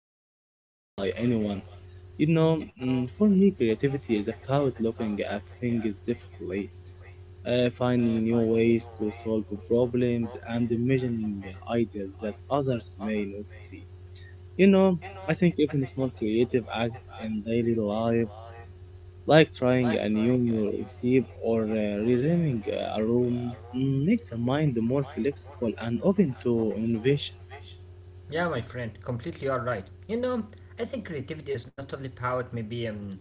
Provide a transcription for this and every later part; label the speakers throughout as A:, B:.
A: can be developed by anyone. You know, for me, creativity is about looking at things differently, finding new ways to solve problems, and imagining ideas that others may not see. You know, I think even small creative acts in daily life like trying a new recipe or renaming a room makes the mind more flexible and open to innovation.
B: Yeah, my friend, completely all right. You know, I think creativity is not only about maybe um,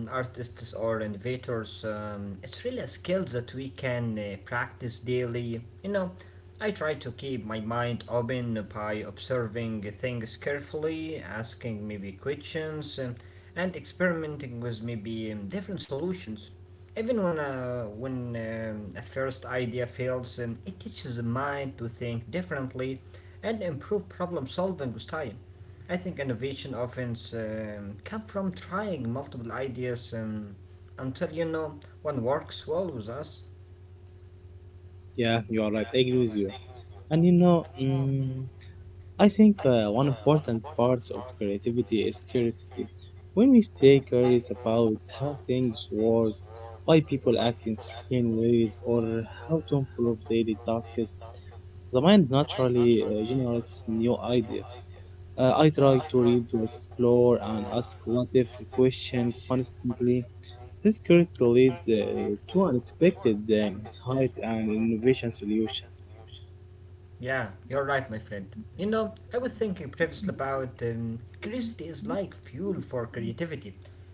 B: mm, artists or innovators. It's really a skill that we can practice daily. You know, I try to keep my mind open by observing things carefully, asking maybe questions, and experimenting with maybe different solutions. Even when a first idea fails, it teaches the mind to think differently and improve problem solving with time. I think innovation often comes from trying multiple ideas until you know one works well with us.
A: Yeah, you are right. I agree with you. And you know, mm, I think one important part of creativity is curiosity. When we stay curious about how things work, why people act in certain ways, or how to improve daily tasks, the mind naturally generates new ideas. I try to read, explore, and ask what if question constantly. This currently leads to unexpected insight and innovation solution.
B: Yeah, you're right, my friend. You know, I was thinking previously about curiosity is like fuel for creativity.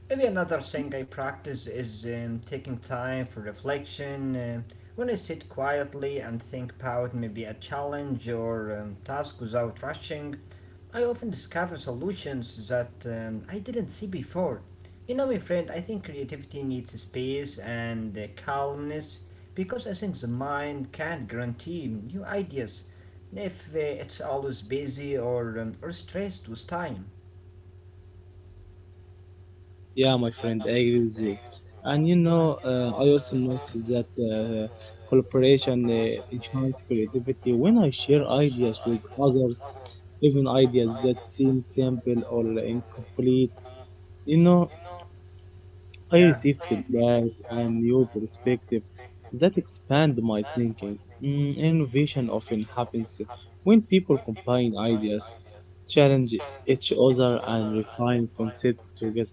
B: Maybe another thing I practice is taking time for reflection. When I sit quietly and think about maybe a challenge or task without rushing, I often discover solutions that I didn't see before. You know, my friend, I think creativity needs space and calmness because I think the mind can't guarantee new ideas if it's always busy or stressed with time.
A: Yeah, my friend, I agree with you. I also noticed that collaboration enhances creativity when I share ideas with others even ideas that seem simple or incomplete. You know, I
B: Yeah.
A: receive feedback and new perspective that expand my thinking. Innovation often happens when people combine ideas, challenge each other, and refine concepts together.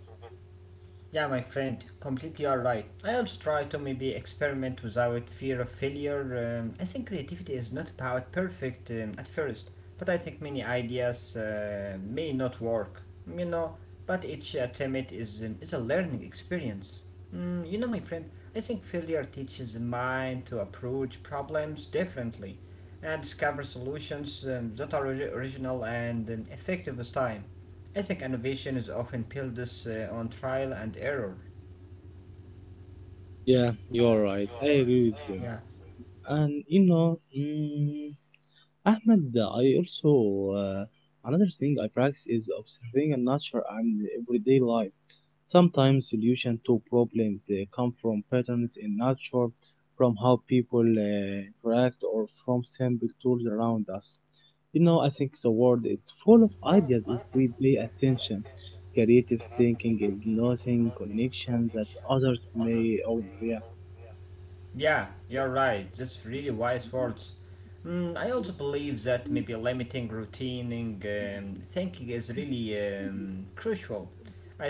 B: Yeah, my friend, completely are right. I also try to maybe experiment without fear of failure. I think creativity is not about perfect at first, but I think many ideas may not work, you know, but each attempt is a learning experience. You know, my friend, I think failure teaches the mind to approach problems differently and discover solutions that are original and effective with time. I think innovation is often built on trial and error.
A: Yeah, you're right. I agree with you. And you know, mm, Ahmed, I also another thing I practice is observing in nature and everyday life. Sometimes solution to problems they come from patterns in nature, from how people interact, or from simple tools around us. I think the world is full of ideas if we pay attention. Creative thinking is noticing connections that others may overlook.
B: Yeah, you're right, that's really wise words. I also believe that maybe limiting routining thinking is really crucial.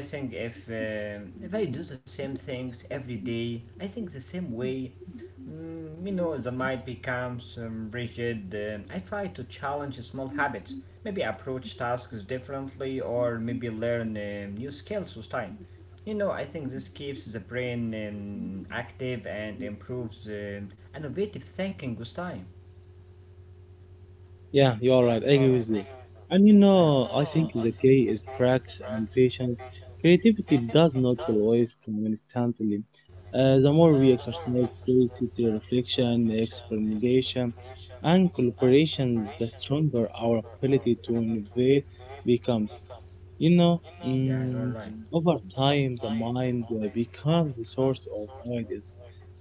B: I think if I do the same things every day, I think the same way, you know, the mind becomes rigid. I try to challenge small habits, maybe approach tasks differently, or maybe learn new skills with time. You know, I think this keeps the brain active and improves innovative thinking with time.
A: Yeah, you're right. I agree with you. I think the key is practice and patience. Creativity does not always come instantly. The more we exercise curiosity, reflection, experimentation, and cooperation, the stronger our ability to innovate becomes. You know,
B: Yeah, you're
A: mm,
B: right.
A: Over time, the mind becomes the source of ideas,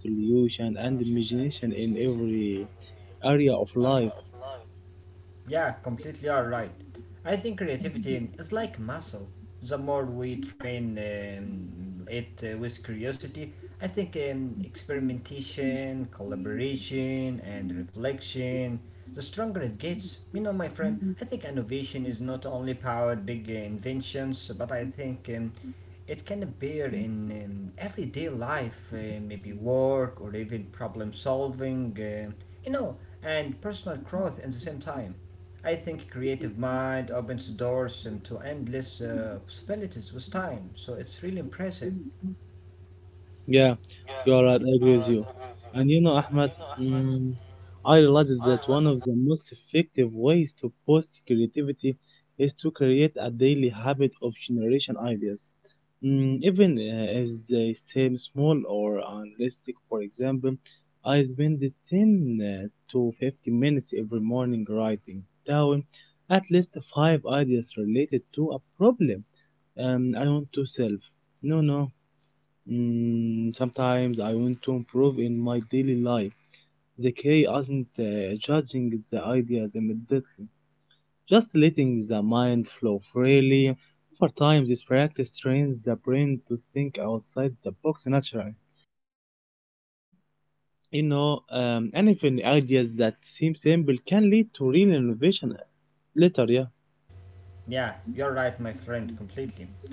A: solution, and imagination in every area of life.
B: Yeah, completely are right. I think creativity is like muscle. The more we train it with curiosity, I think experimentation, collaboration, and reflection, the stronger it gets. You know, my friend, I think innovation is not only powered big inventions, but I think it can appear in everyday life, maybe work or even problem solving, you know, and personal growth at the same time. I think creative mind opens doors to endless possibilities with time. So it's really impressive.
A: Yeah, you are right. I agree with you. And you know, Ahmed, mm, I realized that one of the most effective ways to boost creativity is to create a daily habit of generation ideas. Even if they seem small or unrealistic, for example, I spend the 10 uh, to 50 minutes every morning writing down at least five ideas related to a problem I want to solve. No, no, sometimes I want to improve in my daily life. The key isn't judging the ideas immediately, just letting the mind flow freely. Over time, this practice trains the brain to think outside the box naturally. And even ideas that seem simple can lead to real innovation later, yeah.
B: Yeah, you're right, my friend, completely.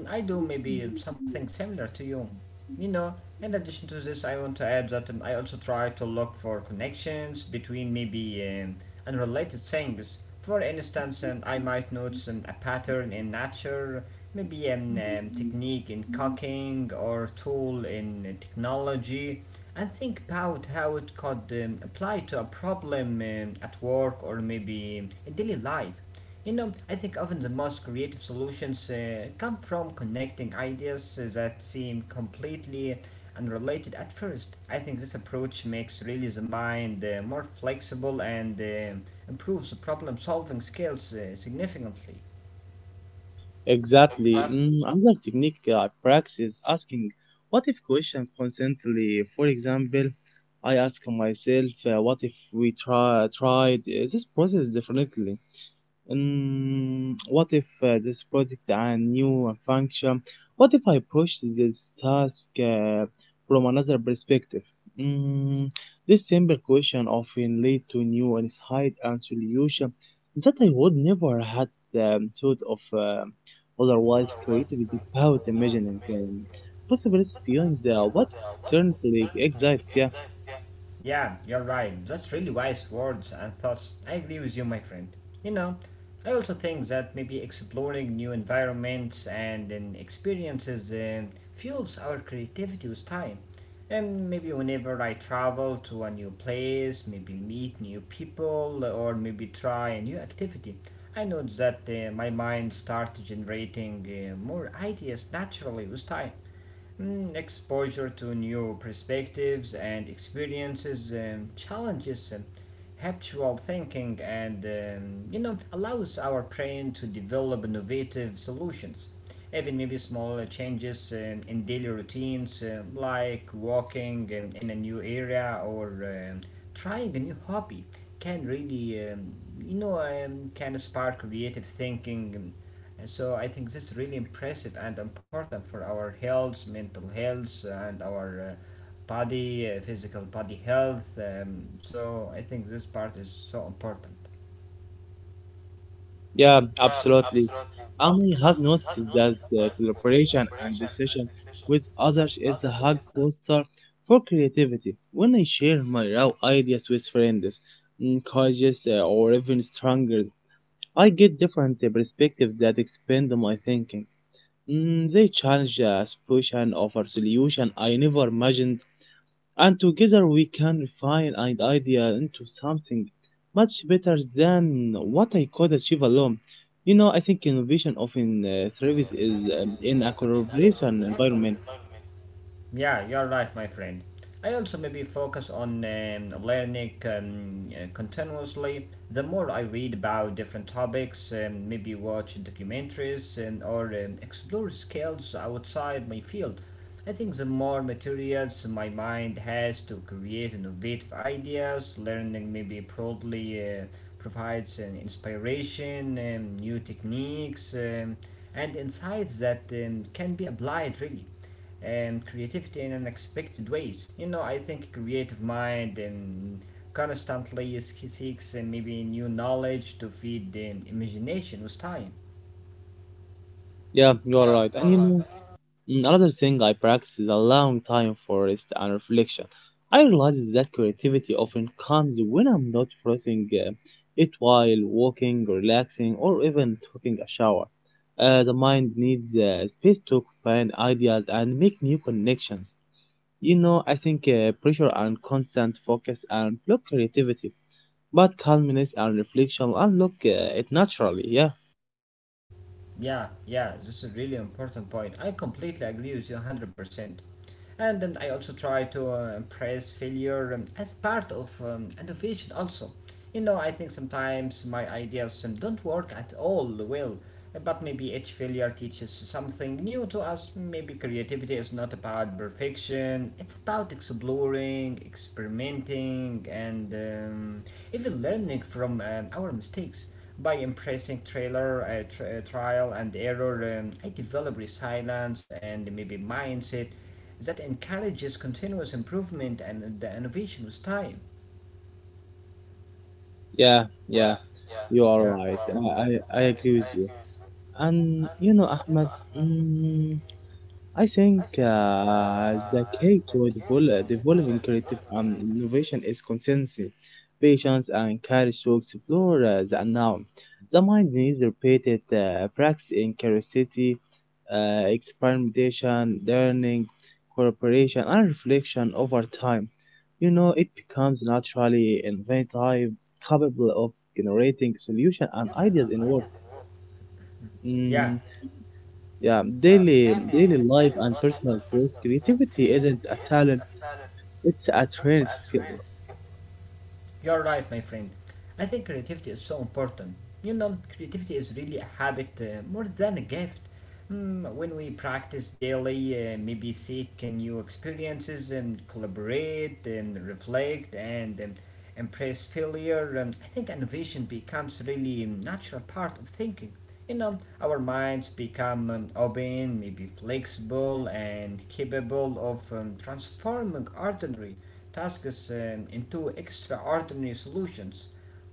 B: Mm, I do maybe something similar to you. You know, in addition to this, I want to add that I also try to look for connections between maybe unrelated things. For instance, I might notice a pattern in nature, maybe an technique in cooking or tool in technology, and think about how it could apply to a problem at work or maybe in daily life. You know, I think often the most creative solutions come from connecting ideas that seem completely unrelated at first. I think this approach makes really the mind more flexible and improves the problem solving skills significantly.
A: Exactly. Another technique I practice is asking what if question constantly. For example, I ask myself, what if we try tried this process differently? What if this project a new function? What if I approach this task uh, from another perspective? Mm, this simple question often lead to new insight and solution that I would never had thought of otherwise. Creativity without imagining possibilities beyond what currently exists. Yeah.
B: Yeah, you're right. That's really wise words and thoughts. I agree with you, my friend. You know, I also think that maybe exploring new environments and then experiences fuels our creativity with time. And maybe whenever I travel to a new place, maybe meet new people, or maybe try a new activity, I notice that my mind starts generating more ideas naturally with time. Mm, exposure to new perspectives and experiences challenges habitual thinking and you know allows our brain to develop innovative solutions even maybe small changes in daily routines like walking in a new area or trying a new hobby can really can spark creative thinking and so I think this is really impressive and important for our health, mental health, and our body, physical body health. So I think this part is so important.
A: Yeah, absolutely. I have noticed that collaboration and decision with others is a hug foster for creativity. When I share my raw ideas with friends, colleagues, or even strangers, I get different perspectives that expand my thinking. They challenge the assumption of a solution I never imagined and together we can refine an idea into something much better than what I could achieve alone. I think innovation often thrives is in a collaboration environment.
B: Yeah, you're right, my friend. I also maybe focus on learning continuously. The more I read about different topics, maybe watch documentaries or explore skills outside my field, I think the more materials my mind has to create innovative ideas, learning maybe probably provides an inspiration, new techniques, and insights that can be applied really creativity in unexpected ways. You know, I think creative mind and constantly seeks maybe new knowledge to feed the imagination with time.
A: Yeah, you are right. And you know, Mm, Another thing I practice is allowing time for rest and reflection. I realize that creativity often comes when I'm not forcing it while walking, relaxing, or even taking a shower. The mind needs space to find ideas and make new connections. I think pressure and constant focus and block creativity, but calmness and reflection unlock it naturally. Yeah,
B: Yeah, yeah, this is a really important point. I completely agree with you 100%. And then I also try to embrace failure as part of innovation, also. You know, I think sometimes my ideas don't work at all well, but maybe each failure teaches something new to us. Maybe creativity is not about perfection, it's about exploring, experimenting, and even learning from our mistakes. By embracing trial and error, I develop resilience and maybe mindset that encourages continuous improvement and the innovation with time.
A: yeah, yeah. You are
B: Yeah,
A: right. I agree with you. And you know, Ahmed, mm, I think the key to developing creative innovation is consistency, patience, and courage to explore the unknown. The mind needs repeated practice in curiosity, experimentation, learning, cooperation, and reflection over time. It becomes naturally inventive, capable of generating solutions and ideas in work. Mm,
B: yeah.
A: yeah, daily life and personal growth. Creativity isn't a talent; it's a trained skill.
B: You're right, my friend. I think creativity is so important. You know, creativity is really a habit more than a gift. Mm, when we practice daily, maybe seek new experiences, and collaborate, and reflect, and embrace failure, I think innovation becomes really a natural part of thinking you know our minds become open maybe flexible and capable of transforming ordinary tasks into extraordinary solutions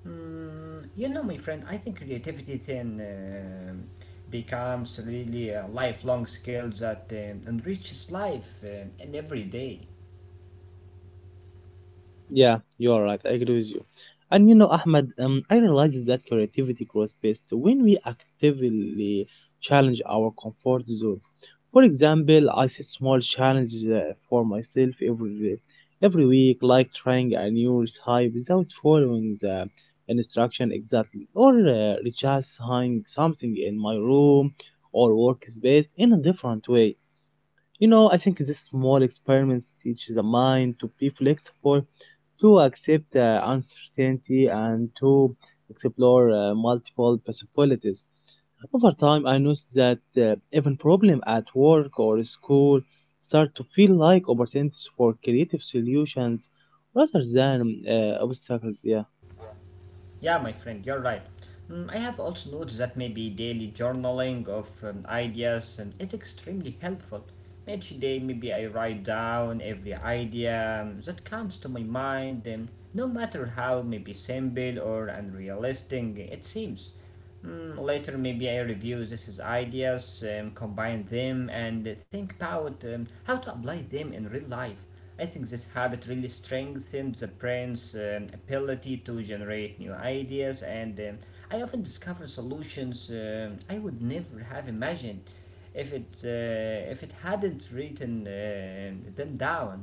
B: you know my friend I think creativity then becomes really a lifelong skill that enriches life in every day.
A: Yeah, you are right. I agree with you. And you know, Ahmed, I realize that creativity grows best when we actively challenge our comfort zones. For example, I set small challenges for myself every week, like trying a new recipe without following the instruction exactly, or just hang something in my room or workspace in a different way. I think these small experiments teach the mind to be flexible, to accept uncertainty, and to explore multiple possibilities. Over time, I noticed that even problems at work or school start to feel like opportunities for creative solutions rather than obstacles. Yeah,
B: Yeah, my friend, you're right. Mm, I have also noticed that maybe daily journaling of ideas is extremely helpful. Each day, maybe I write down every idea that comes to my mind, no matter how maybe simple or unrealistic it seems. Later, maybe I review these ideas, combine them, and think about how to apply them in real life. I think this habit really strengthens the brain's ability to generate new ideas, and I often discover solutions I would never have imagined if it hadn't written them down.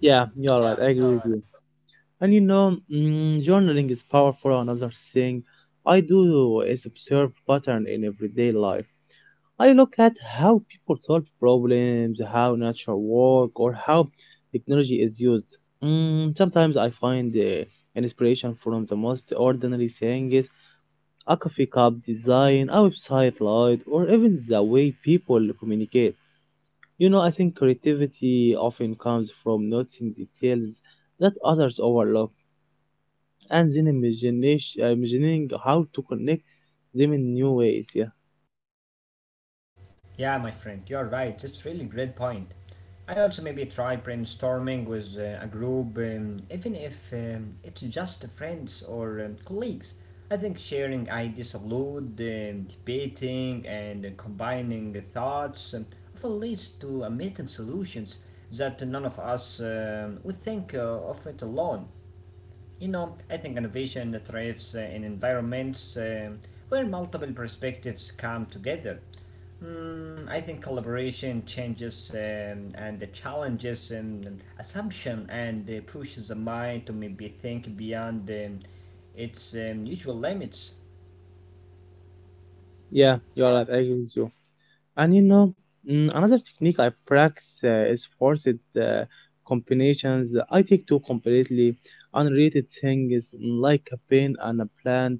A: yeah, you're right. I agree with you. And you know, mm, Journaling is powerful. Another thing I do is observe pattern in everyday life. I look at how people solve problems, how nature work, or how technology is used. Sometimes I find inspiration from the most ordinary things, a coffee cup design, a website light, or even the way people communicate. I think creativity often comes from noticing details that others overlook, and then imagination, imagining how to connect them in new ways. Yeah,
B: Yeah, my friend, you're right. It's really great point. I also maybe try brainstorming with a group, even if it's just friends or colleagues. I think sharing ideas aloud, debating, and combining thoughts often leads to amazing solutions that none of us would think of it alone. You know, I think innovation thrives in environments where multiple perspectives come together. Mm, I think collaboration changes and the challenges and assumption and pushes the mind to maybe think beyond its usual limits.
A: yeah, you're right. I agree with you. And you know, mm, Another technique I practice is forced uh, combinations. I take two completely unrelated things like a pen and a plan,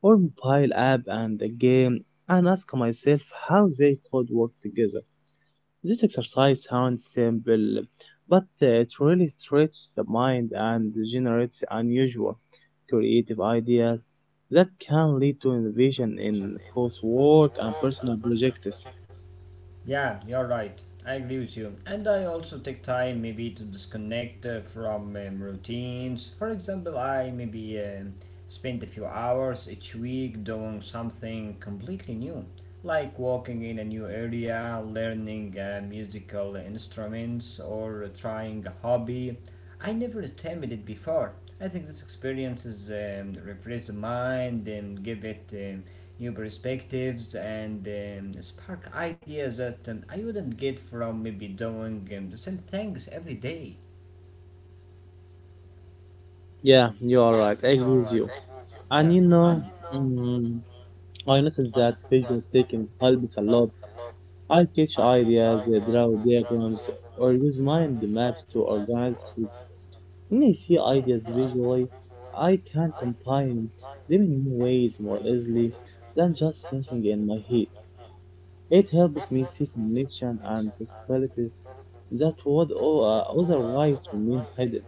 A: or mobile app and a game, and ask myself how they could work together. This exercise sounds simple, but it really stretches the mind and generates unusual, creative ideas that can lead to innovation in both work and personal projects.
B: Yeah, you're right. I agree with you. And I also take time maybe to disconnect from routines. For example, I maybe spend a few hours each week doing something completely new, like walking in a new area, learning musical instruments, or trying a hobby. I never attempted it before. I think this experiences refresh the mind and give it new perspectives and spark ideas that I wouldn't get from maybe doing the same things every day.
A: Yeah, you are right. I agree with you. And
B: Yeah.
A: you know, mm, I noticed that visual taking helps a lot. I catch ideas, I draw diagrams, or use mind maps to organize thoughts. When I see ideas visually, I can combine them in new ways more easily than just thinking in my head. It helps me see connection and possibilities that would otherwise remain hidden.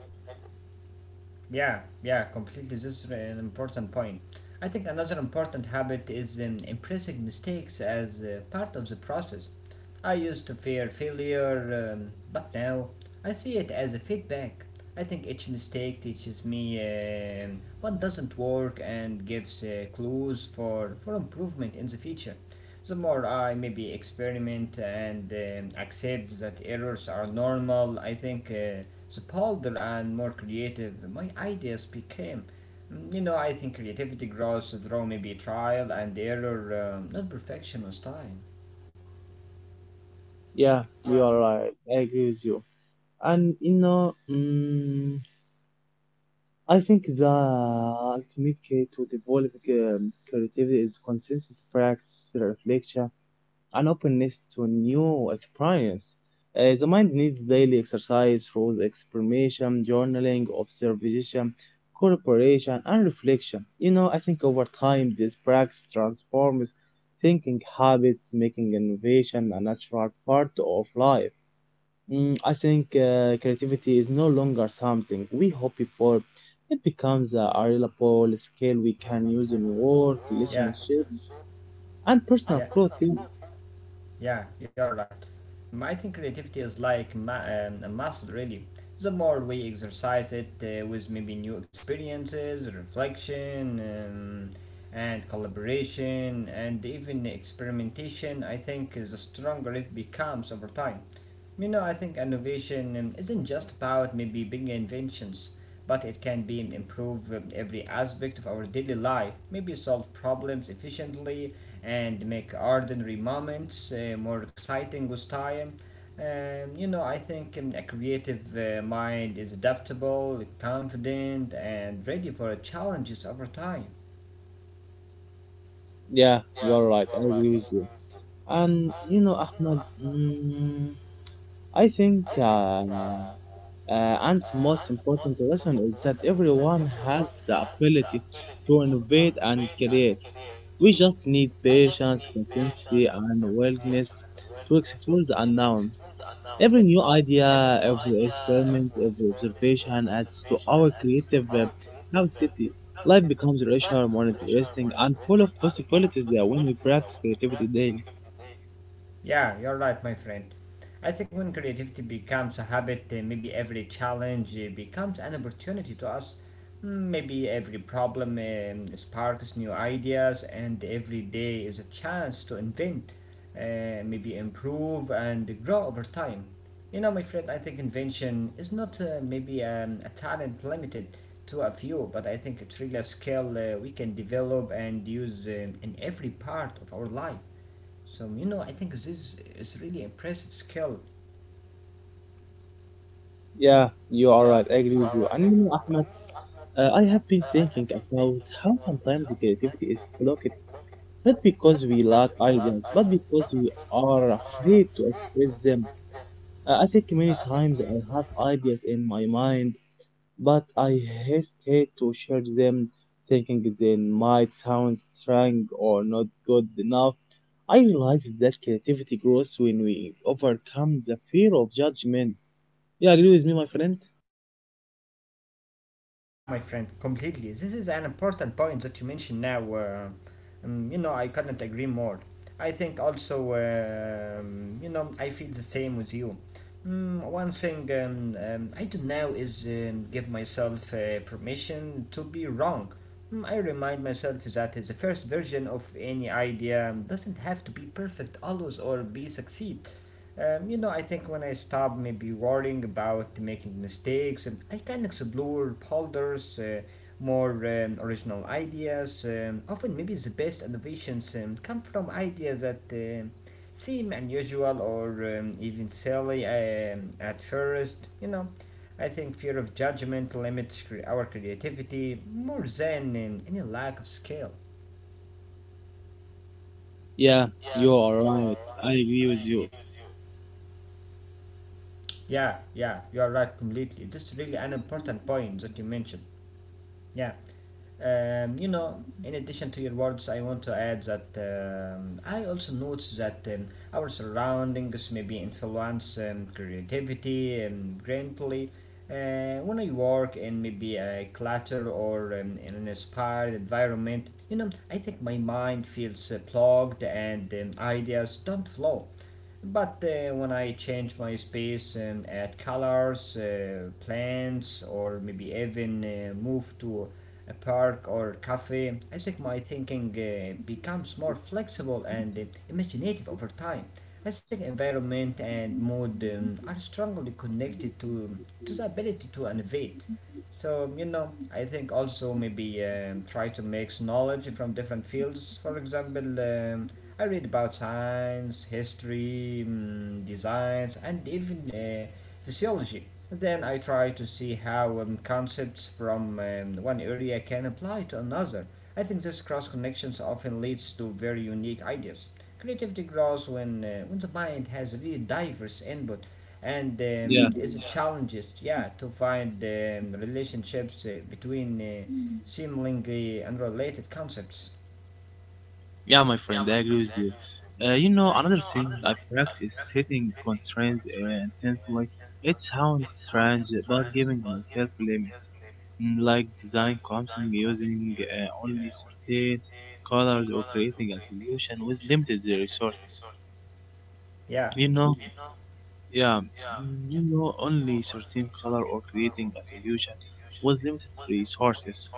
B: Yeah, yeah, completely. This is an important point. I think another important habit is embracing mistakes as part of the process. I used to fear failure, but now I see it as a feedback. I think each mistake teaches me what doesn't work and gives clues for improvement in the future. The more I maybe experiment and accept that errors are normal, I think. So bolder and more creative my ideas became. You know, I think creativity grows through maybe trial and error, not perfection with time.
A: Yeah, you are right. I agree with you. And you know, mm, I think the ultimate key to develop creativity is consistent practice, reflection, and openness to new experience. The mind needs daily exercise through the experimentation, journaling, observation, cooperation, and reflection. I think over time this practice transforms thinking habits, making innovation a natural part of life. I think creativity is no longer something we hope for. It becomes a reliable skill we can use in work,
B: Yeah.
A: relationships, and personal growth. Yeah,
B: Yeah, you're right. I think creativity is like a muscle, really. The more we exercise it with maybe new experiences, reflection, and collaboration, and even experimentation, I think the stronger it becomes over time. You know, I think innovation isn't just about maybe big inventions but it can be improve every aspect of our daily life maybe solve problems efficiently and make ordinary moments more exciting with time you know I think a creative mind is adaptable confident and ready for challenges over time.
A: yeah, you're right. I agree with you. And you know, Ahmad, mm, I think, uh, and most important lesson is that everyone has the ability to innovate and create. We just need patience, consistency, and willingness to explore the unknown. Every new idea, every experiment, every observation adds to our creative capacity. Life becomes richer, more interesting, and full of possibilities there when we practice creativity daily.
B: Yeah, you're right, my friend. I think when creativity becomes a habit, maybe every challenge becomes an opportunity to us. Maybe every problem sparks new ideas, and every day is a chance to invent, maybe improve, and grow over time. My friend, I think invention is not maybe a talent limited to a few, but I think it's really a skill we can develop and use in every part of our life. So, I think this is really impressive skill.
A: Yeah, you are right. I agree with you. And you know, Ahmed, I have been thinking about how sometimes the creativity is blocked, not because we lack ideas, but because we are afraid to express them. I think many times I have ideas in my mind, but I hesitate to share them, thinking they might sound strange or not good enough. I realize that creativity grows when we overcome the fear of judgment. Yeah, agree with me, my friend?
B: Yeah, my friend, completely. This is an important point that you mentioned now. I couldn't agree more. I think also, I feel the same with you. One thing I do now is give myself permission to be wrong. I remind myself that the first version of any idea doesn't have to be perfect always or be succeed. I think when I stop maybe worrying about making mistakes, I can explore boulders, more original ideas. Often, maybe the best innovations come from ideas that seem unusual or even silly at first. I think fear of judgment limits our creativity more than any lack of skill.
A: Yeah, you are right. I agree with you.
B: Yeah, yeah, you are right completely. This is really an important point that you mentioned. Yeah. In addition to your words, I want to add that I also notice that our surroundings maybe influence creativity greatly. When I work in maybe a clutter or in an inspired environment, I think my mind feels plugged and ideas don't flow. But when I change my space and add colors, plants, or maybe even move to a park or cafe, I think my thinking becomes more flexible and imaginative over time. I think environment and mood are strongly connected to the ability to innovate. So, I think also maybe try to mix knowledge from different fields. For example, I read about science, history, designs, and even physiology. Then I try to see how concepts from one area can apply to another. I think this cross connections often leads to very unique ideas. Creativity grows when the mind has really diverse input and
A: Yeah.
B: is challenged, yeah, to find relationships between seemingly unrelated concepts.
A: Yeah, my friend, I agree with you. You know, another thing I practice hitting constraints intently. It sounds strange, but giving myself limits, like design something using only certain colors or creating a solution with limited resources.
B: Yeah.
A: You know, yeah, Only certain color or creating a solution with limited resources.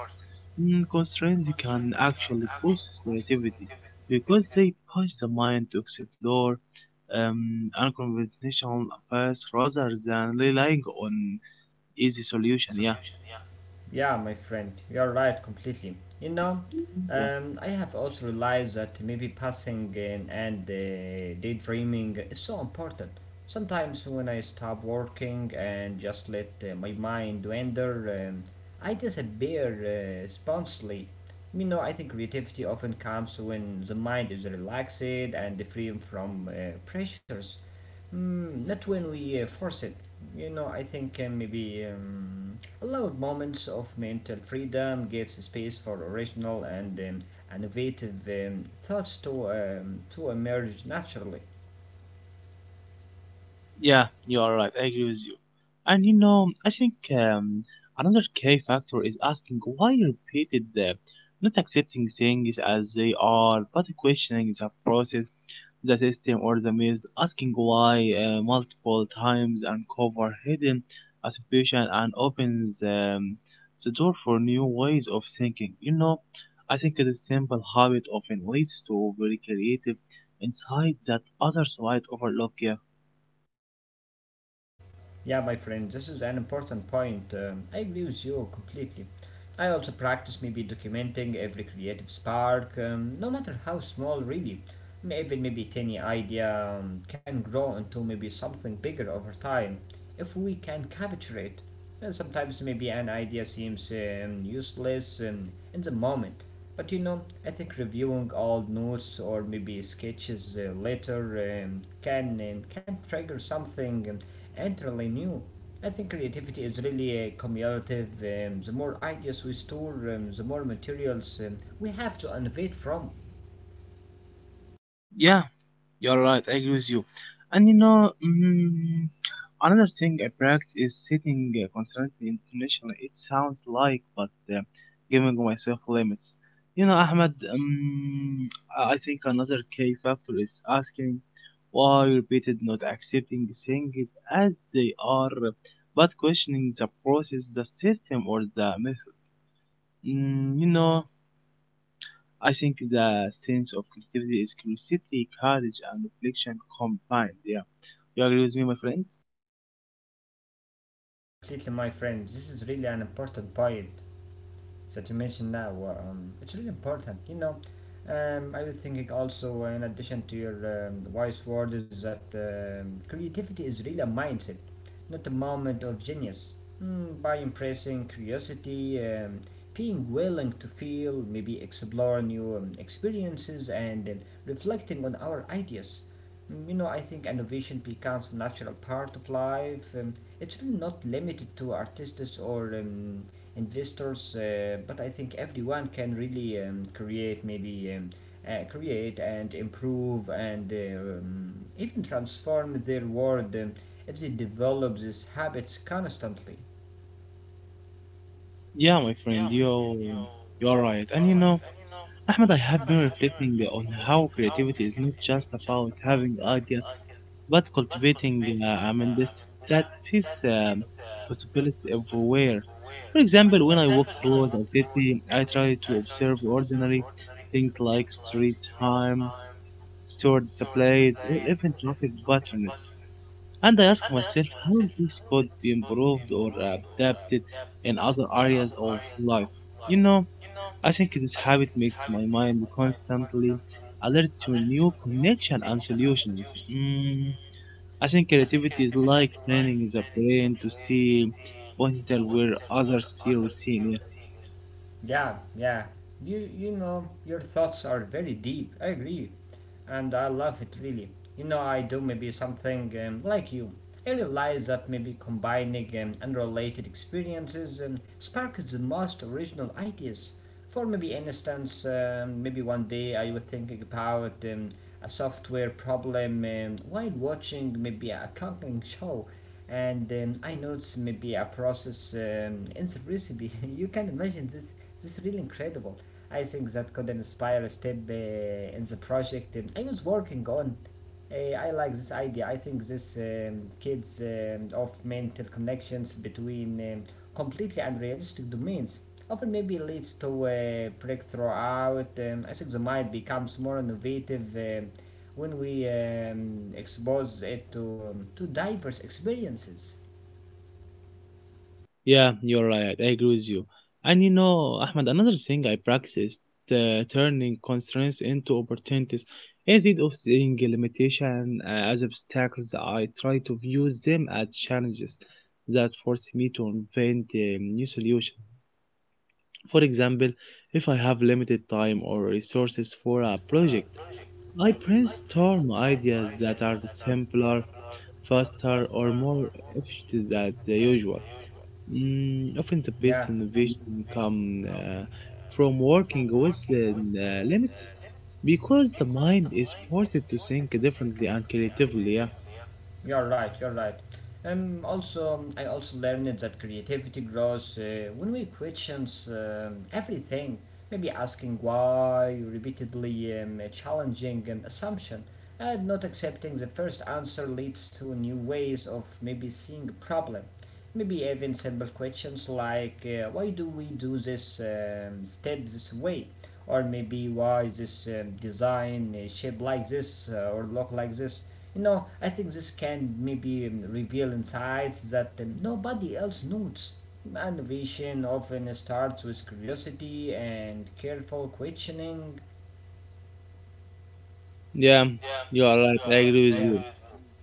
A: Constraints can actually boost creativity because they push the mind to explore unconventional paths rather than relying on easy solution. Yeah,
B: Yeah, my friend, you're right completely.
A: yeah,
B: I have also realized that maybe passing and daydreaming is so important. Sometimes when I stop working and just let my mind wander, I disappear spontaneously. I think creativity often comes when the mind is relaxed and free from pressures. Not when we force it. I think maybe allowed moments of mental freedom gives space for original and innovative thoughts to emerge naturally.
A: yeah. You are right. I agree with you. And you know, I think another key factor is asking why repeated, not accepting things as they are, but questioning the process the system or the maze, asking why multiple times and cover hidden assumption and opens the door for new ways of thinking. You know, I think this simple habit often leads to very creative insight that others might overlook. Yeah,
B: Yeah, my friend, this is an important point. I agree with you completely. I also practice maybe documenting every creative spark, no matter how small, really. Even maybe tiny idea can grow into maybe something bigger over time if we can capture it. And sometimes maybe an idea seems useless in the moment. But I think reviewing old notes or maybe sketches later can trigger something entirely new. I think creativity is really a cumulative. The more ideas we store, the more materials we have to innovate from.
A: yeah, you're right, I agree with you. And you know, another thing I practice is sitting constantly internationally. It sounds like, but giving myself limits. You know, Ahmed, I think another key factor is asking why repeated, not accepting things as they are, but questioning the process, the system, or the method. You know, I think the sense of creativity is curiosity, courage, and reflection combined. Yeah. You agree with me, my friend?
B: Yeah, completely, my friend. This is really an important point that you mentioned now, it's really important. I was thinking also, in addition to your wise word, is that creativity is really a mindset, not a moment of genius. By impressing curiosity, being willing to feel, maybe explore new experiences, and then reflecting on our ideas. I think innovation becomes a natural part of life. It's really not limited to artists or investors, but I think everyone can really create and improve and even transform their world if they develop these habits constantly.
A: Yeah, my friend, you are right. And you know, Ahmed, I have been reflecting on how creativity is not just about having ideas, but cultivating. I mean, this that is possibilities everywhere. For example, when I walk through the city, I try to observe ordinary things like street time, stored displays, or even traffic patterns. And I ask myself how this could be improved or adapted in other areas of life. You know, I think this habit makes my mind constantly alert to new connection and solutions. I think creativity is like training the brain to see potential where others see routine.
B: Yeah, yeah. You know your thoughts are very deep. I agree, and I love it really. You know I do maybe something like you. I realize that maybe combining unrelated experiences sparks the most original ideas. For maybe instance, maybe one day I was thinking about a software problem while watching maybe a cooking show, and I noticed maybe a process in the recipe. You can imagine This is really incredible. I think that could inspire a step in the project I was working on. I like this idea. I think this kids of mental connections between completely unrealistic domains often maybe leads to a breakthrough out. I think the mind becomes more innovative when we expose it to diverse experiences.
A: Yeah, you're right. I agree with you. And you know, Ahmed, another thing I practiced turning constraints into opportunities. Instead of seeing a limitation as obstacles, I try to view them as challenges that force me to invent a new solution. For example, if I have limited time or resources for a project, I brainstorm ideas that are simpler, faster, or more efficient than the usual. Often the best
B: Yeah.
A: innovation come from working within limits because the mind is forced to think differently and creatively. Yeah,
B: You're right. You're right. Also, I also learned that creativity grows when we questions everything. Maybe asking why, repeatedly challenging an assumption, and not accepting the first answer leads to new ways of maybe seeing a problem. Maybe even simple questions like why do we do this step this way? Or maybe why this design is shaped like this or look like this? I think this can maybe reveal insights that nobody else knows. Innovation often starts with curiosity and careful questioning.
A: yeah, you are right. I agree with you.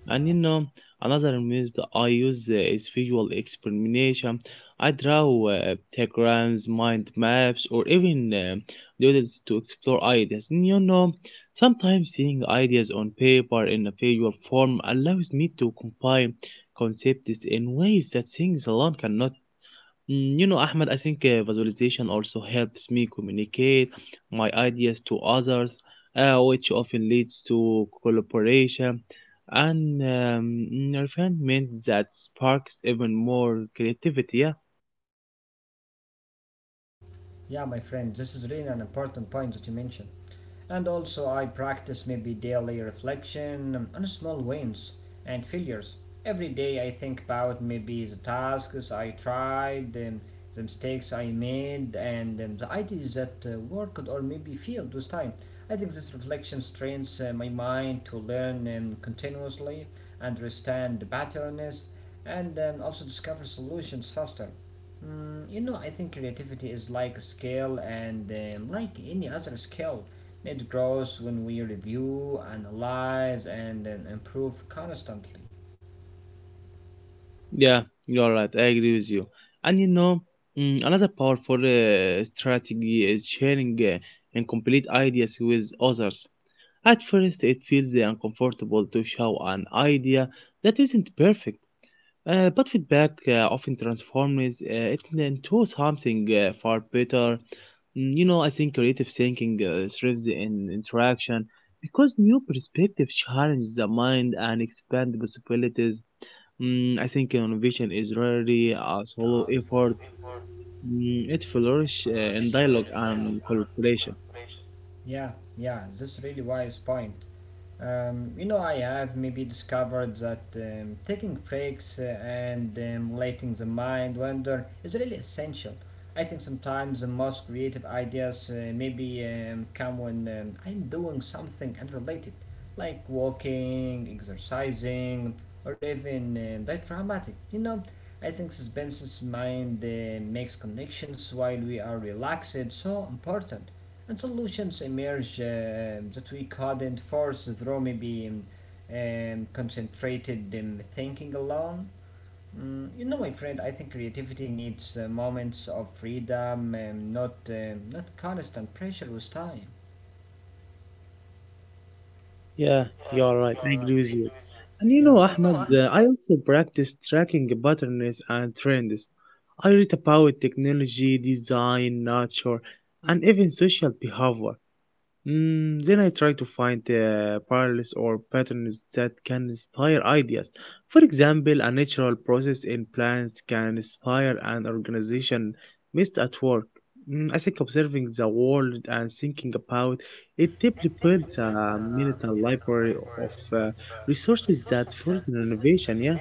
A: And you know, another method I use is visual experimentation. I draw diagrams, mind maps, or even doodles to explore ideas. And you know, sometimes seeing ideas on paper in a visual form allows me to combine concepts in ways that things alone cannot. You know, Ahmed, I think visualization also helps me communicate my ideas to others, which often leads to collaboration and environment that sparks even more creativity. Yeah,
B: Yeah, my friend, this is really an important point that you mentioned. And also, I practice maybe daily reflection on small wins and failures. Every day, I think about maybe the tasks I tried, the mistakes I made, and the ideas that worked or maybe failed with time. I think this reflection strains my mind to learn continuously, understand the patterns, and also discover solutions faster. I think creativity is like a skill, and like any other skill, it grows when we review, analyze, and improve constantly.
A: yeah, you're right. I agree with you. And you know, another powerful strategy is sharing incomplete ideas with others. At first, it feels uncomfortable to show an idea that isn't perfect. But feedback often transforms it into something far better. You know, I think creative thinking thrives in interaction because new perspectives challenge the mind and expand possibilities. I think innovation is rarely a solo effort. It flourishes in dialogue and collaboration.
B: Yeah, yeah, that's really wise point. I have maybe discovered that taking breaks and letting the mind wander is really essential. I think sometimes the most creative ideas maybe come when I'm doing something unrelated, like walking, exercising, or even that dramatic. I think suspense's mind makes connections while we are relaxed so important. And solutions emerge that we couldn't force through maybe concentrated thinking alone. My friend, I think creativity needs moments of freedom, not not constant pressure with time.
A: Yeah, you are right. I agree with you. And you know,
B: Yeah.
A: Ahmed, I also practice tracking patterns and trends. I read about technology, design, nature, and even social behavior. Then I try to find parallels or patterns that can inspire ideas. For example, a natural process in plants can inspire an organization missed at work. I think observing the world and thinking about it deeply builds a mental library of resources that further innovation. Yeah,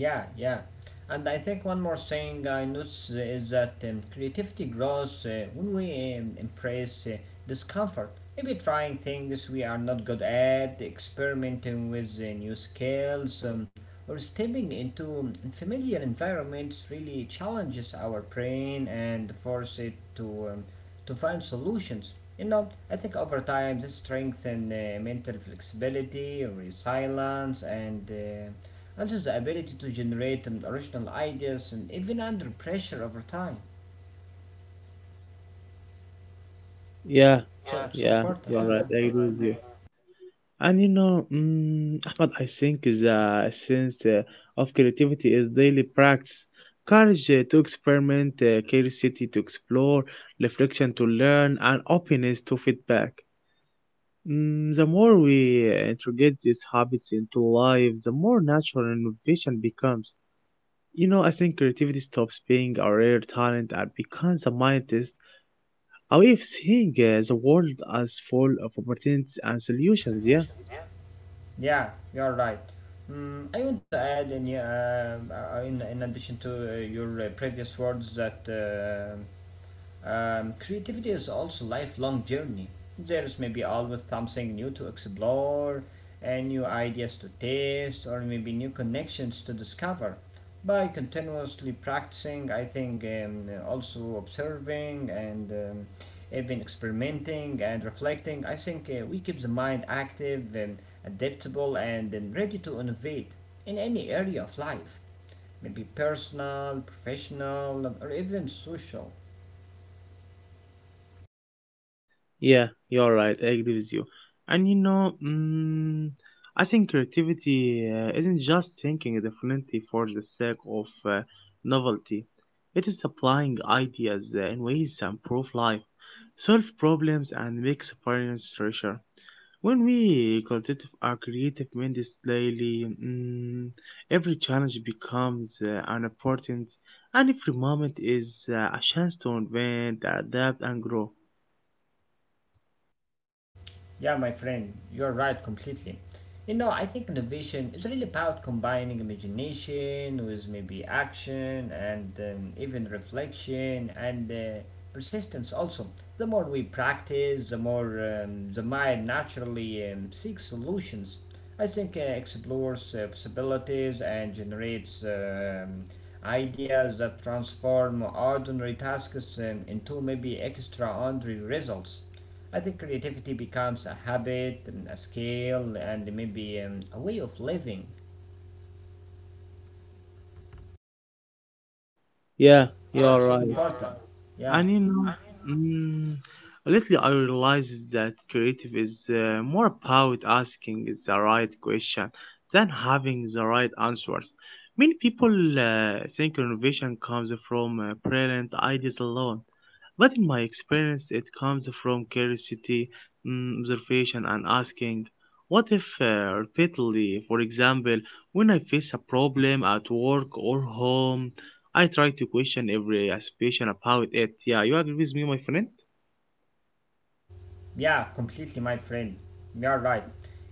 B: Yeah, yeah. And I think one more thing I notice is that creativity grows when we embrace discomfort. Maybe trying things we are not good at, experimenting with new skills, or stepping into familiar environments really challenges our brain and force it to find solutions. I think over time this strengthens mental flexibility, resilience, and the ability to generate original ideas and even under pressure over time.
A: Yeah,
B: So
A: yeah,
B: important.
A: you are right. I agree with you. And you know, Ahmad, I think the sense of creativity is daily practice. Courage to experiment, curiosity to explore, reflection to learn, and openness to feedback. The more we integrate these habits into life, the more natural innovation becomes. You know, I think creativity stops being a rare talent and becomes a mind test, a way of seeing the world as full of opportunities and solutions, yeah?
B: Yeah, you're right. I want to add, in addition to your previous words, that creativity is also a lifelong journey. There is maybe always something new to explore, and new ideas to taste, or maybe new connections to discover. By continuously practicing, I think also observing and even experimenting and reflecting, I think we keep the mind active and adaptable and ready to innovate in any area of life maybe personal, professional, or even social.
A: Yeah, you're right. I agree with you. And you know, I think creativity isn't just thinking differently for the sake of novelty. It is applying ideas in ways that improve life, solve problems, and make experience richer. When we cultivate our creative minds daily, every challenge becomes an important, and every moment is a chance to invent, adapt, and grow.
B: Yeah, my friend, you're right completely. I think innovation is really about combining imagination with maybe action and even reflection and persistence also. The more we practice, the more the mind naturally seeks solutions. I think explores possibilities and generates ideas that transform ordinary tasks into maybe extraordinary results. I think creativity becomes a habit, and a skill, and maybe a way of living.
A: Yeah, you're
B: It's really
A: right.
B: important. Yeah.
A: And you know, mm, lately I realized that creative is more about asking the right question than having the right answers. Many people think innovation comes from brilliant ideas alone, but in my experience, it comes from curiosity, observation, and asking. What if repeatedly, for example, when I face a problem at work or home, I try to question every assumption about it. Yeah, you agree with me, my friend?
B: Yeah, completely, my friend. You're right.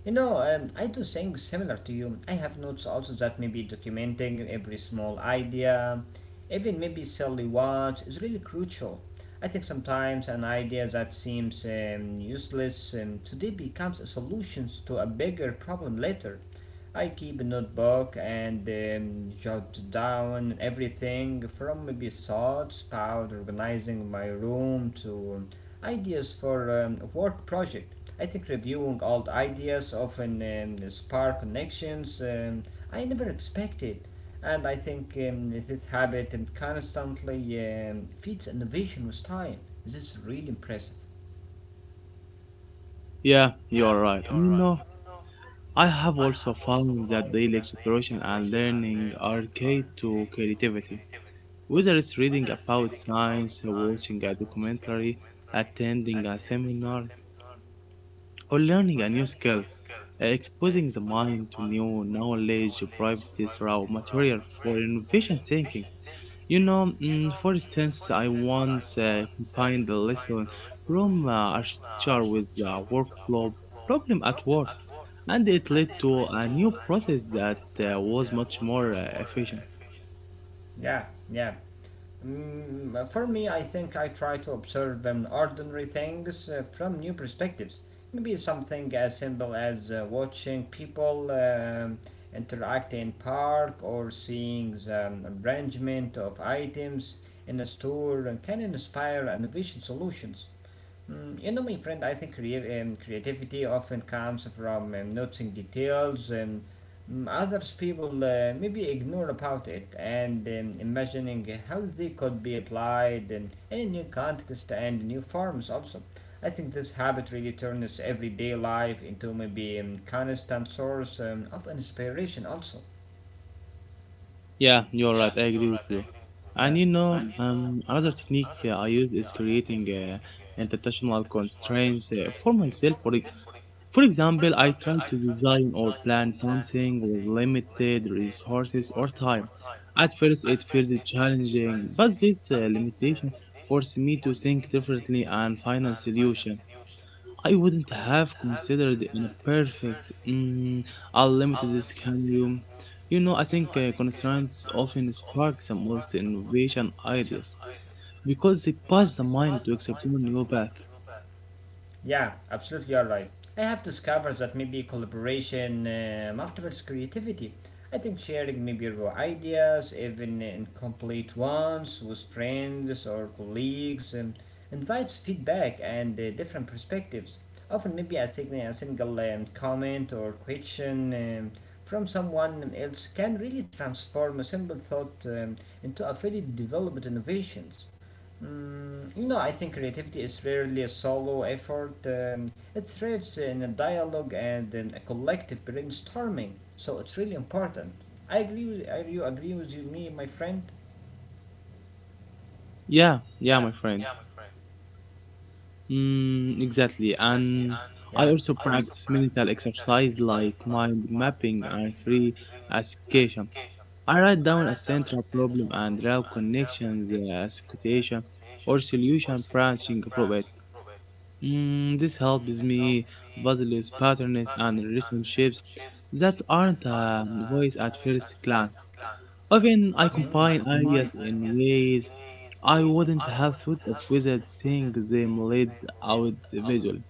B: I do things similar to you. I have notes also that maybe documenting every small idea, even maybe silly ones, is really crucial. I think sometimes an idea that seems useless today becomes a solution to a bigger problem later. I keep a notebook and jot down everything from maybe thoughts about organizing my room to ideas for work project. I think reviewing old ideas often spark connections I never expected, and I think this habit constantly feeds innovation with time. This is really impressive.
A: Yeah, you are right. I mean, no, I have also found that daily exploration and learning are key to creativity. Whether it's reading about science, watching a documentary, attending a seminar, or learning a new skill, exposing the mind to new knowledge provides raw material for innovation thinking. You know, for instance, I once combined a lesson from architecture with a workflow problem at work, and it led to a new process that was much more efficient.
B: Yeah, yeah. For me, I think I try to observe ordinary things from new perspectives. Maybe something as simple as watching people interact in park or seeing the arrangement of items in a store and can inspire innovation solutions. You know, my friend, I think creativity often comes from noticing details others people maybe ignore about it and imagining how they could be applied in a new context and new forms also. I think this habit really turns everyday life into maybe a constant source of inspiration also.
A: Yeah, you're right. I agree with you.
B: Yeah.
A: And you know, another technique I use is creating international constraints for myself. For example, I try to design or plan something with limited resources or time. At first, it feels challenging, but this limitation forced me to think differently and find a solution. I wouldn't have considered in a perfect, unlimited scenario. You know, I think constraints often spark the most innovation ideas because they push the mind to explore new paths.
B: Yeah, absolutely, you're right. I have discovered that maybe collaboration multiples creativity. I think sharing maybe raw ideas, even incomplete ones, with friends or colleagues, invites feedback and different perspectives. Often, maybe a single comment or question from someone else can really transform a simple thought into a fully developed innovations. You know, I think creativity is rarely a solo effort. It thrives in a dialogue and in a collective brainstorming, so it's really important. I agree with I, you. Agree with you, me, my friend.
A: Yeah, yeah, my friend. Exactly. And I
B: Yeah,
A: also practice mental exercise like mind mapping and free association. I write down a central problem and draw connections, association, or solution branching from it. This helps me puzzles patterns and relationships that aren't voiced at first glance. Often I combine ideas in ways I wouldn't have thought of without seeing them laid out visually.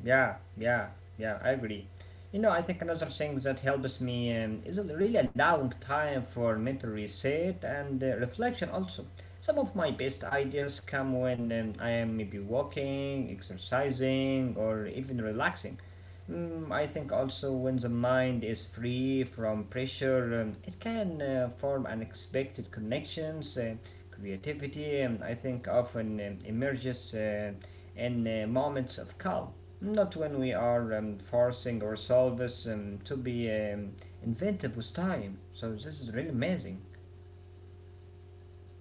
B: yeah, yeah, yeah. I agree. You know, I think another thing that helps me is really allowing time for mental reset and reflection. Also, some of my best ideas come when I am maybe walking, exercising, or even relaxing. I think also when the mind is free from pressure, it can form unexpected connections. Creativity, I think, often emerges in moments of calm, not when we are forcing ourselves to be inventive with time. So this is really amazing.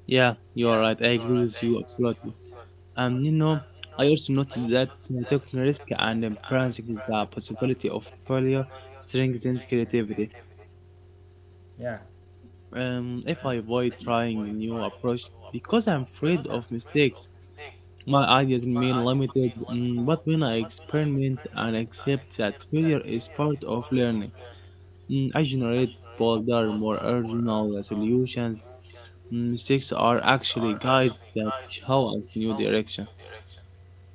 A: Yeah, you are right. I agree with you absolutely. You know, I also noticed that taking risk and embracing the possibility of failure strengthens creativity.
B: Yeah.
A: If I avoid trying new approaches because I'm afraid of mistakes. My ideas remain limited, but when I experiment and accept that failure is part of learning, I generate bolder, more original solutions. Mistakes are actually guides that show us new direction.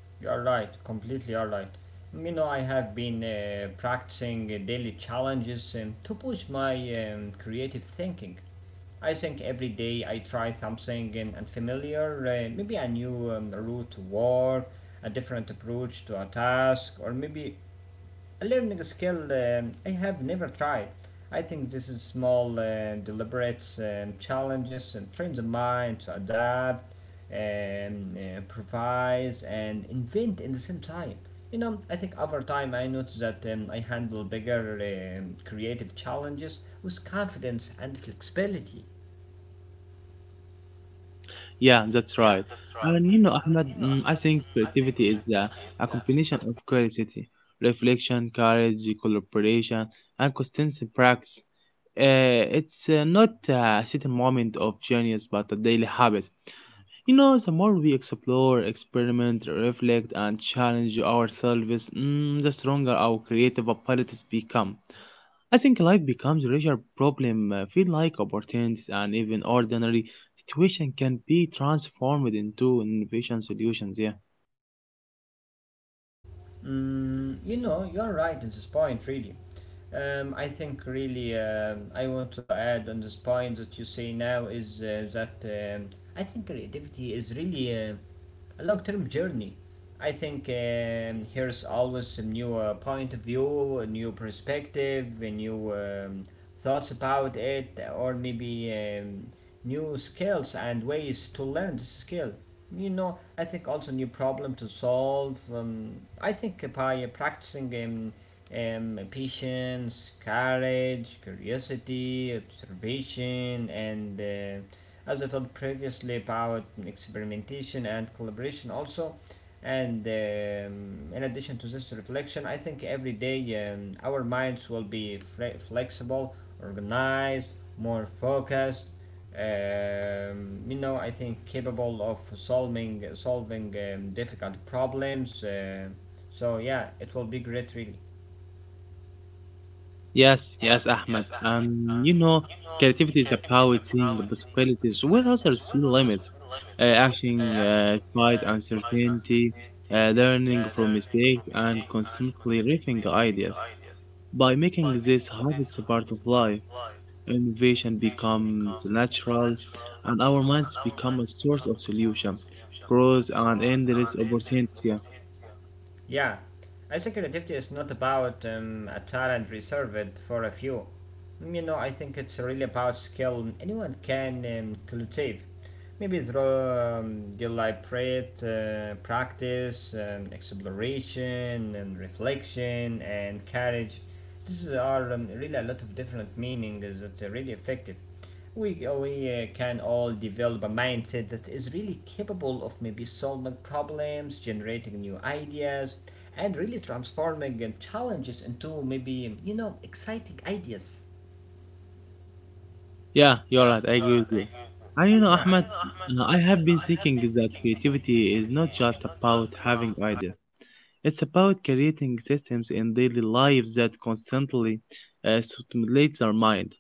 B: You're right, completely, you're right. You know, I have been practicing daily challenges to push my creative thinking. I think every day I try something unfamiliar, maybe a new route to work, a different approach to a task, or maybe a learning skill I have never tried. I think this is small, deliberate challenges and train the mind to adapt, and improvise, and invent in the same time. You know, I think over time I noticed that I handle bigger creative challenges with confidence and flexibility.
A: Yeah, that's right. And you know, Ahmed, I think creativity is the a combination of curiosity, reflection, courage, collaboration, and constant practice. It's not a certain moment of genius, but a daily habit. You know, the more we explore, experiment, reflect, and challenge ourselves, the stronger our creative abilities become. I think life becomes richer. Problem feel like opportunities, and even ordinary situation can be transformed into innovation solutions. Yeah.
B: You know, you're right on this point, really. I think really I want to add on this point that you say now is that I think creativity is really a long-term journey. I think here's always some new point of view, a new perspective, a new thoughts about it, or maybe new skills and ways to learn the skill. You know, I think also new problem to solve, I think by practicing patience, courage, curiosity, observation, and as I told previously about experimentation and collaboration also, and in addition to this reflection, I think every day our minds will be flexible, organized, more focused, you know, I think capable of solving difficult problems. So yeah, it will be great, really.
A: Yes, yes, Ahmed. And you know, creativity is about seeing the possibilities where others see limits, acting despite uncertainty, learning from mistakes, and constantly refining ideas. By making these habits a part of life, innovation becomes natural, and our minds become a source of solution, growth, and endless opportunity.
B: Yeah, I think creativity is not about a talent reserved for a few. You know, I think it's really about skill. Anyone can cultivate. Maybe through deliberate practice, exploration, and reflection, and courage. These are really a lot of different meanings that are really effective. We can all develop a mindset that is really capable of maybe solving problems, generating new ideas, and really transforming challenges into maybe, you know, exciting ideas.
A: Yeah, you're right. I agree with you. And you know,
B: Yeah,
A: Ahmed, I have been thinking that creativity is not just about having ideas. It's about creating systems in daily lives that constantly stimulates our mind.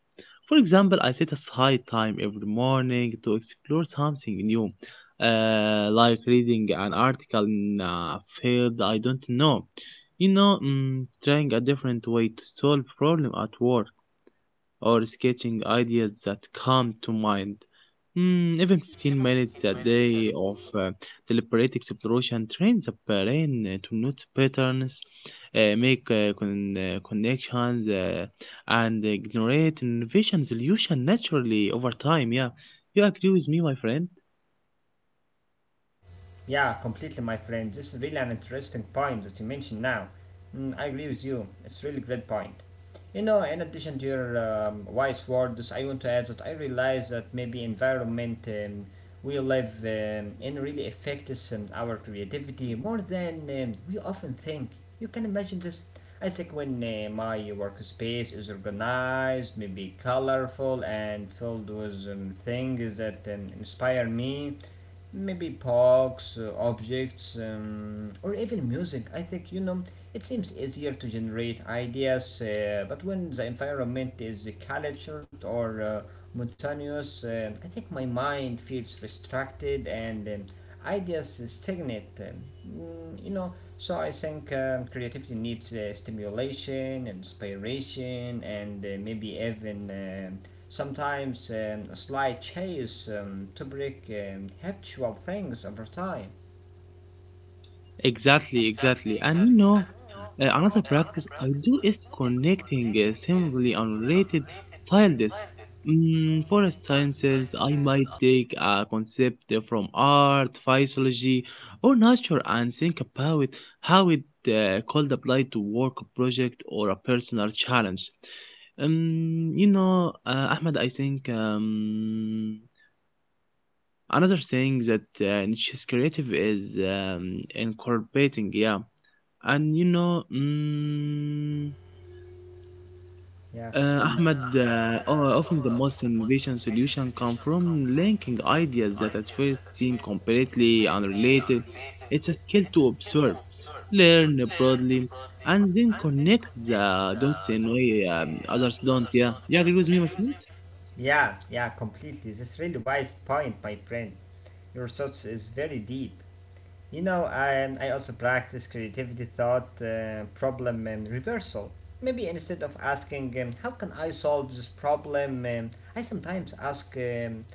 A: For example, I set aside time every morning to explore something new, like reading an article in a field I don't know. You know, trying a different way to solve problem at work or sketching ideas that come to mind. Even 15 minutes a day of deliberate exploration trains the brain to note patterns, make connections, and generate innovation solution naturally over time. Yeah, you agree with me, my friend?
B: yeah, completely, my friend. This is really an interesting point that you mentioned now. I agree with you. It's really great point. You know, in addition to your wise words, I want to add that I realize that maybe environment we live in really affects our creativity more than we often think. You can imagine this. I think when my workspace is organized, maybe colorful, and filled with things that inspire me, maybe parks, objects, or even music. I think, you know, it seems easier to generate ideas, but when the environment is cultured or monotonous, I think my mind feels restricted and ideas stagnate. You know, so I think creativity needs stimulation, inspiration, and maybe even sometimes a slight chase to break habitual things over time.
A: Exactly, exactly. And you know, another practice I do is connecting seemingly unrelated fields. For instance, I might take a concept from art, physiology, or nature and think about how it could apply to work project or a personal challenge. You know, Ahmed, I think another thing that Nietzsche's creative is incorporating, yeah. And you know,
B: Yeah,
A: uh, Ahmed, often the most innovation solution come from linking ideas that at first seem completely unrelated. It's a skill to observe, learn broadly, and then connect the dots in way others don't. Yeah, you agree with me, my friend?
B: yeah, completely. That's really wise point, my friend. Your thoughts is very deep. You know, I also practice creativity thought, problem reversal. Maybe instead of asking, how can I solve this problem, I sometimes ask, um,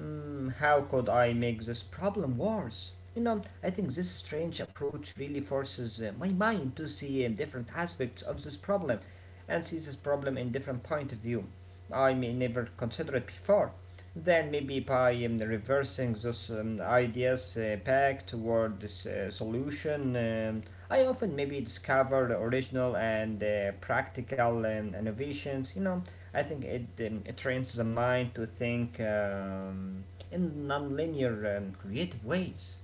B: "Mm, how could I make this problem worse? You know, I think this strange approach really forces my mind to see different aspects of this problem and see this problem in different point of view. I may never consider it before. Then maybe by reversing those ideas back toward this solution, I often maybe discover the original and practical innovations. You know, I think it trains the mind to think in non-linear creative ways.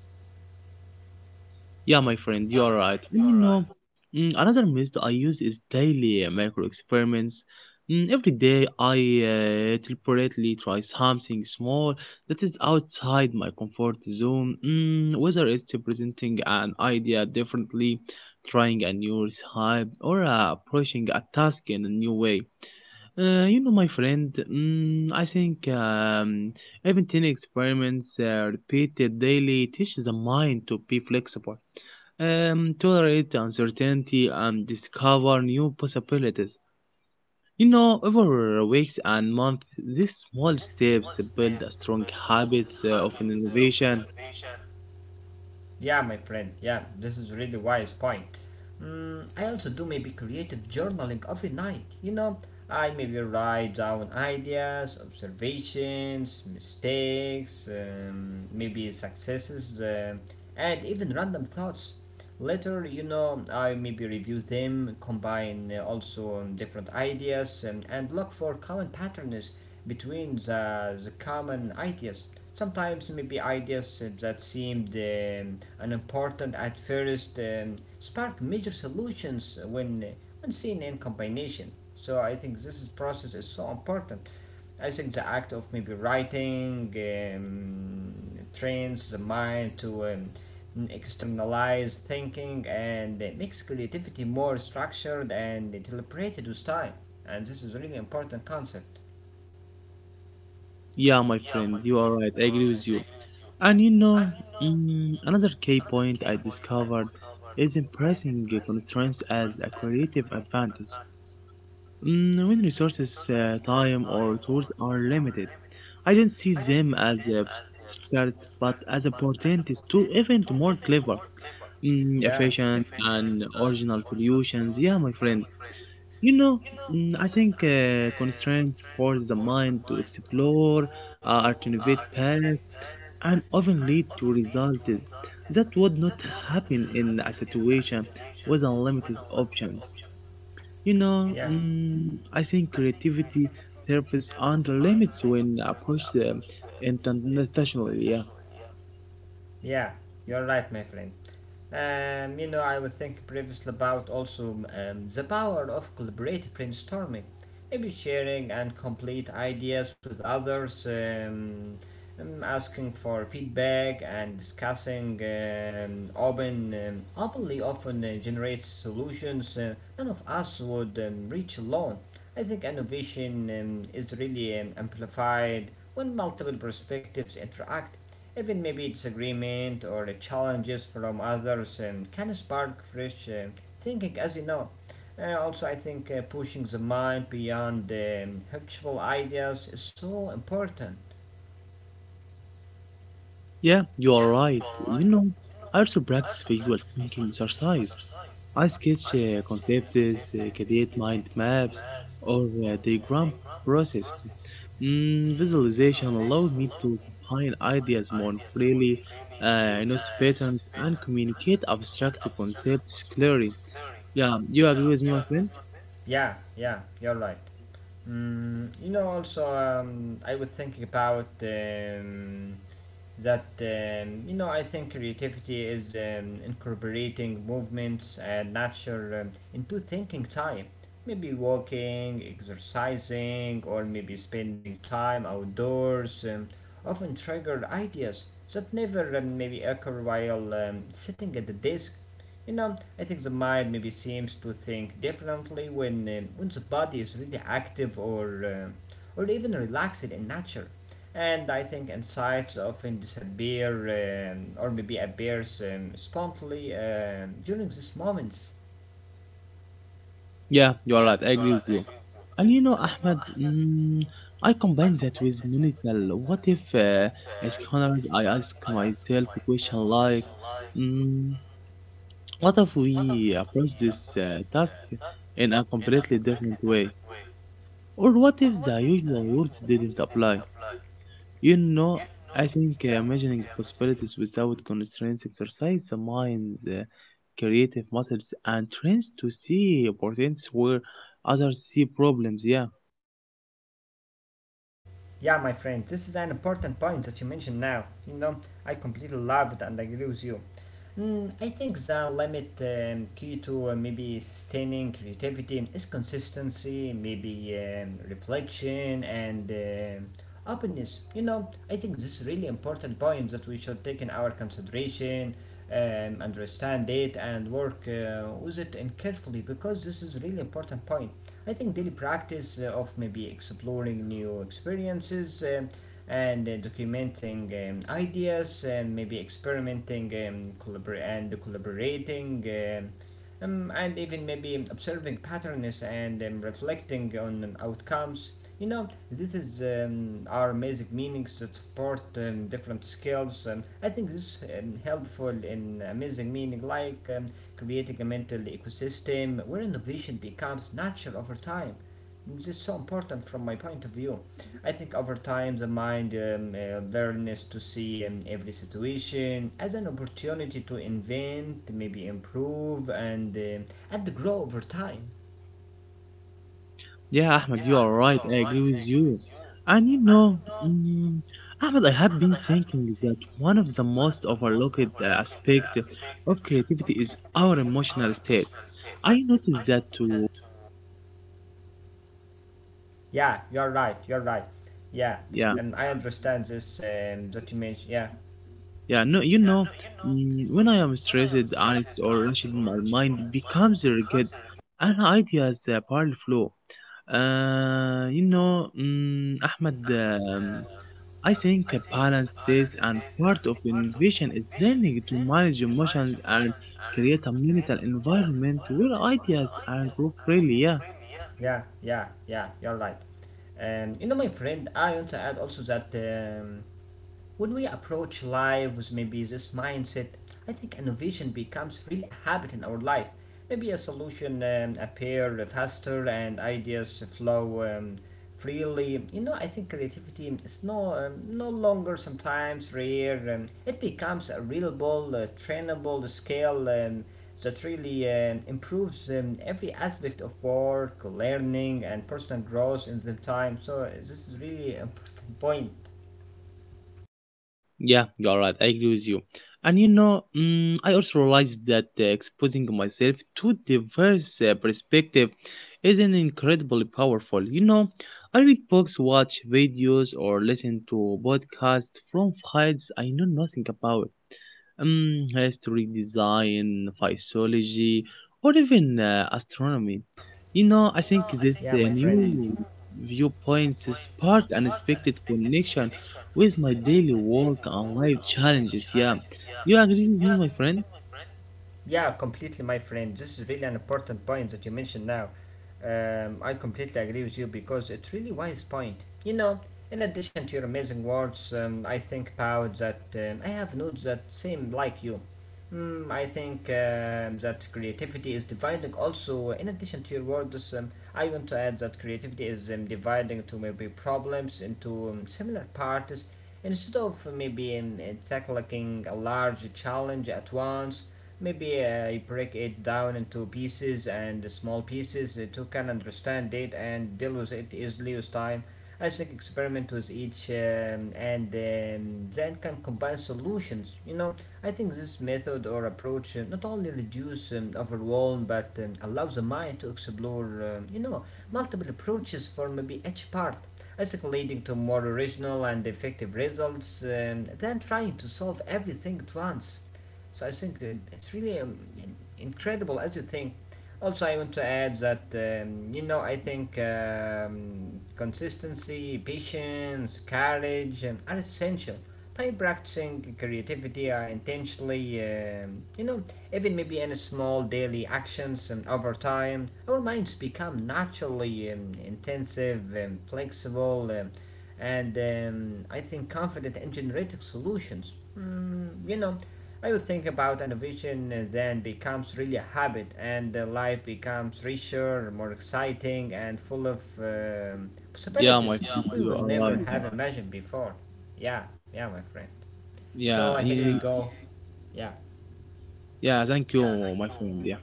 A: Yeah, my friend, you are right. And you know, another method I use is daily micro experiments. Every day, I deliberately try something small that is outside my comfort zone, whether it's presenting an idea differently, trying a new recipe, or approaching a task in a new way. You know, my friend, I think even 10 experiments repeated daily teaches the mind to be flexible tolerate uncertainty and discover new possibilities. You know, over weeks and months, these small steps build a strong habits of an innovation.
B: Yeah, my friend. Yeah, this is really wise point. I also do maybe creative journaling every night. You know, I maybe write down ideas, observations, mistakes, maybe successes, and even random thoughts. Later, you know, I maybe review them, combine also different ideas, and look for common patterns between the common ideas. Sometimes maybe ideas that seemed unimportant at first spark major solutions when seen in combination. So I think this process is so important. I think the act of maybe writing trains the mind to externalize thinking and makes creativity more structured and deliberated with time. And this is a really important concept.
A: Yeah, my friend, you are right. I agree with you. And you know, another key point I discovered is embracing constraints as a creative advantage. When resources, time, or tools are limited, I don't see them as a threat, but as opportunities to even more clever,
B: Yeah,
A: efficient, and original solutions. Yeah, my friend. You know, I think constraints force the mind to explore alternative paths and often lead to results that would not happen in a situation with unlimited options. You know,
B: yeah,
A: I think creativity therapies are the limits when approached internationally. Yeah,
B: yeah. You're right, my friend. You know, I was thinking previously about also the power of collaborative brainstorming, maybe sharing and complete ideas with others, asking for feedback and discussing openly often generates solutions none of us would reach alone. I think innovation is really amplified when multiple perspectives interact. Even maybe disagreement or challenges from others can spark fresh thinking, as you know. Also, I think pushing the mind beyond habitual ideas is so important.
A: yeah, you are right. You know, I also practice visual thinking exercise. I sketch concepts, create mind maps, or diagram process. Visualization allows me to combine ideas more freely, notice patterns, and communicate abstract concepts clearly. Yeah, you agree with me, my friend?
B: Yeah, you're right. You know, also, I was thinking about that, you know, I think creativity is incorporating movements and nature into thinking time. Maybe walking, exercising, or maybe spending time outdoors often trigger ideas that never maybe occur while sitting at the desk. You know, I think the mind maybe seems to think differently when the body is really active um or even relaxed in nature. And I think insights often disappear or maybe appears spontaneously during these moments.
A: Yeah, you are right. I agree with you. And you know, Ahmed, I combine that with mental. What if, as Connor, I ask myself a question like, mm, what if we approach this task in a completely different way? Or what if the usual rules didn't apply? You know, I think imagining possibilities without constraints exercise the mind's creative muscles and trains to see opportunities where others see problems. Yeah,
B: Yeah, my friend, this is an important point that you mentioned now. You know, I completely love it and agree with you. I think the limit key to maybe sustaining creativity is consistency, maybe reflection, and openness. You know, I think this is really important point that we should take in our consideration, understand it and work with it and carefully, because this is a really important point. I think daily practice of maybe exploring new experiences, and documenting ideas, and maybe experimenting, and collaborating, and even maybe observing patterns and reflecting on outcomes. You know, this is our music meanings that support different skills. I think this is helpful in amazing meaning, like creating a mental ecosystem where innovation becomes natural over time. This is so important from my point of view. I think over time the mind learns to see every situation as an opportunity to invent, maybe improve, and grow over time.
A: yeah, Ahmed, you are right. I agree with you. And you know, mm, Ahmed, I have been thinking that one of the most overlooked aspect of creativity is our emotional state. I noticed that too.
B: Yeah, you're right. You're right. Yeah,
A: Yeah.
B: and I understand this that you mentioned. Yeah,
A: Yeah, no, you know, when I am stressed, anxious, or rushed, my mind becomes rigid and ideas barely flow. You know, Ahmed, I think a balanced days and part of innovation is learning to manage emotions and create a mental environment where ideas and grow freely. Yeah.
B: yeah, yeah, yeah. You're right. You know, my friend, I want to add also that when we approach lives, maybe this mindset, I think innovation becomes really a habit in our life. Maybe a solution appear faster and ideas flow freely. You know, I think creativity is no longer sometimes rare. It becomes a readable, trainable skill that really improves every aspect of work, learning, and personal growth in the time. So this is really a important point.
A: Yeah, you're right. I agree with you. And you know, I also realized that exposing myself to diverse perspective is an incredibly powerful. You know, I read books, watch videos, or listen to podcasts from fields I know nothing about history, design, physiology, or even astronomy. You know, I think this
B: Yeah, my friend.
A: new viewpoints sparked unexpected connection with my daily work and life challenges. Yeah, you agree with me, my friend?
B: Yeah, completely, my friend. This is really an important point that you mentioned now. I completely agree with you because it's really wise point. You know, in addition to your amazing words, I think about that I have notes that seem like you. I think that creativity is dividing also. In addition to your words, I want to add that creativity is dividing to maybe problems into similar parts instead of maybe tackling a large challenge at once. Maybe I break it down into pieces and small pieces to can understand it and deal with it easily with time. I think experiment with each and then can combine solutions. You know, I think this method or approach not only reduce overwhelm but allows the mind to explore, you know, multiple approaches for maybe each part. I think leading to more original and effective results than trying to solve everything at once. So I think it's really incredible as you think. Also, I want to add that you know, I think consistency, patience, courage are essential. By practicing creativity, I intentionally, you know, even maybe any small daily actions, and over time, our minds become naturally intensive, flexible, and I think confident and generating solutions. You know, I will think about innovation then becomes really a habit, and the life becomes richer, more exciting, and full of
A: Yeah, my
B: possibilities
A: friend, you
B: we
A: are
B: would
A: right.
B: never
A: Yeah,
B: have imagined before. Yeah, my friend.
A: yeah,
B: So here
A: yeah.
B: we go. Yeah,
A: Yeah, thank you, my friend. Yeah,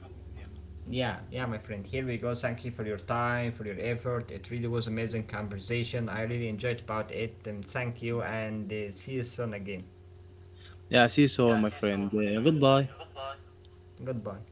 B: yeah, my friend. Here we go. Thank you for your time, for your effort. It really was amazing conversation. I really enjoyed about it, and thank you. And see you soon again.
A: yeah. See you soon, my friend. Goodbye.
B: Goodbye.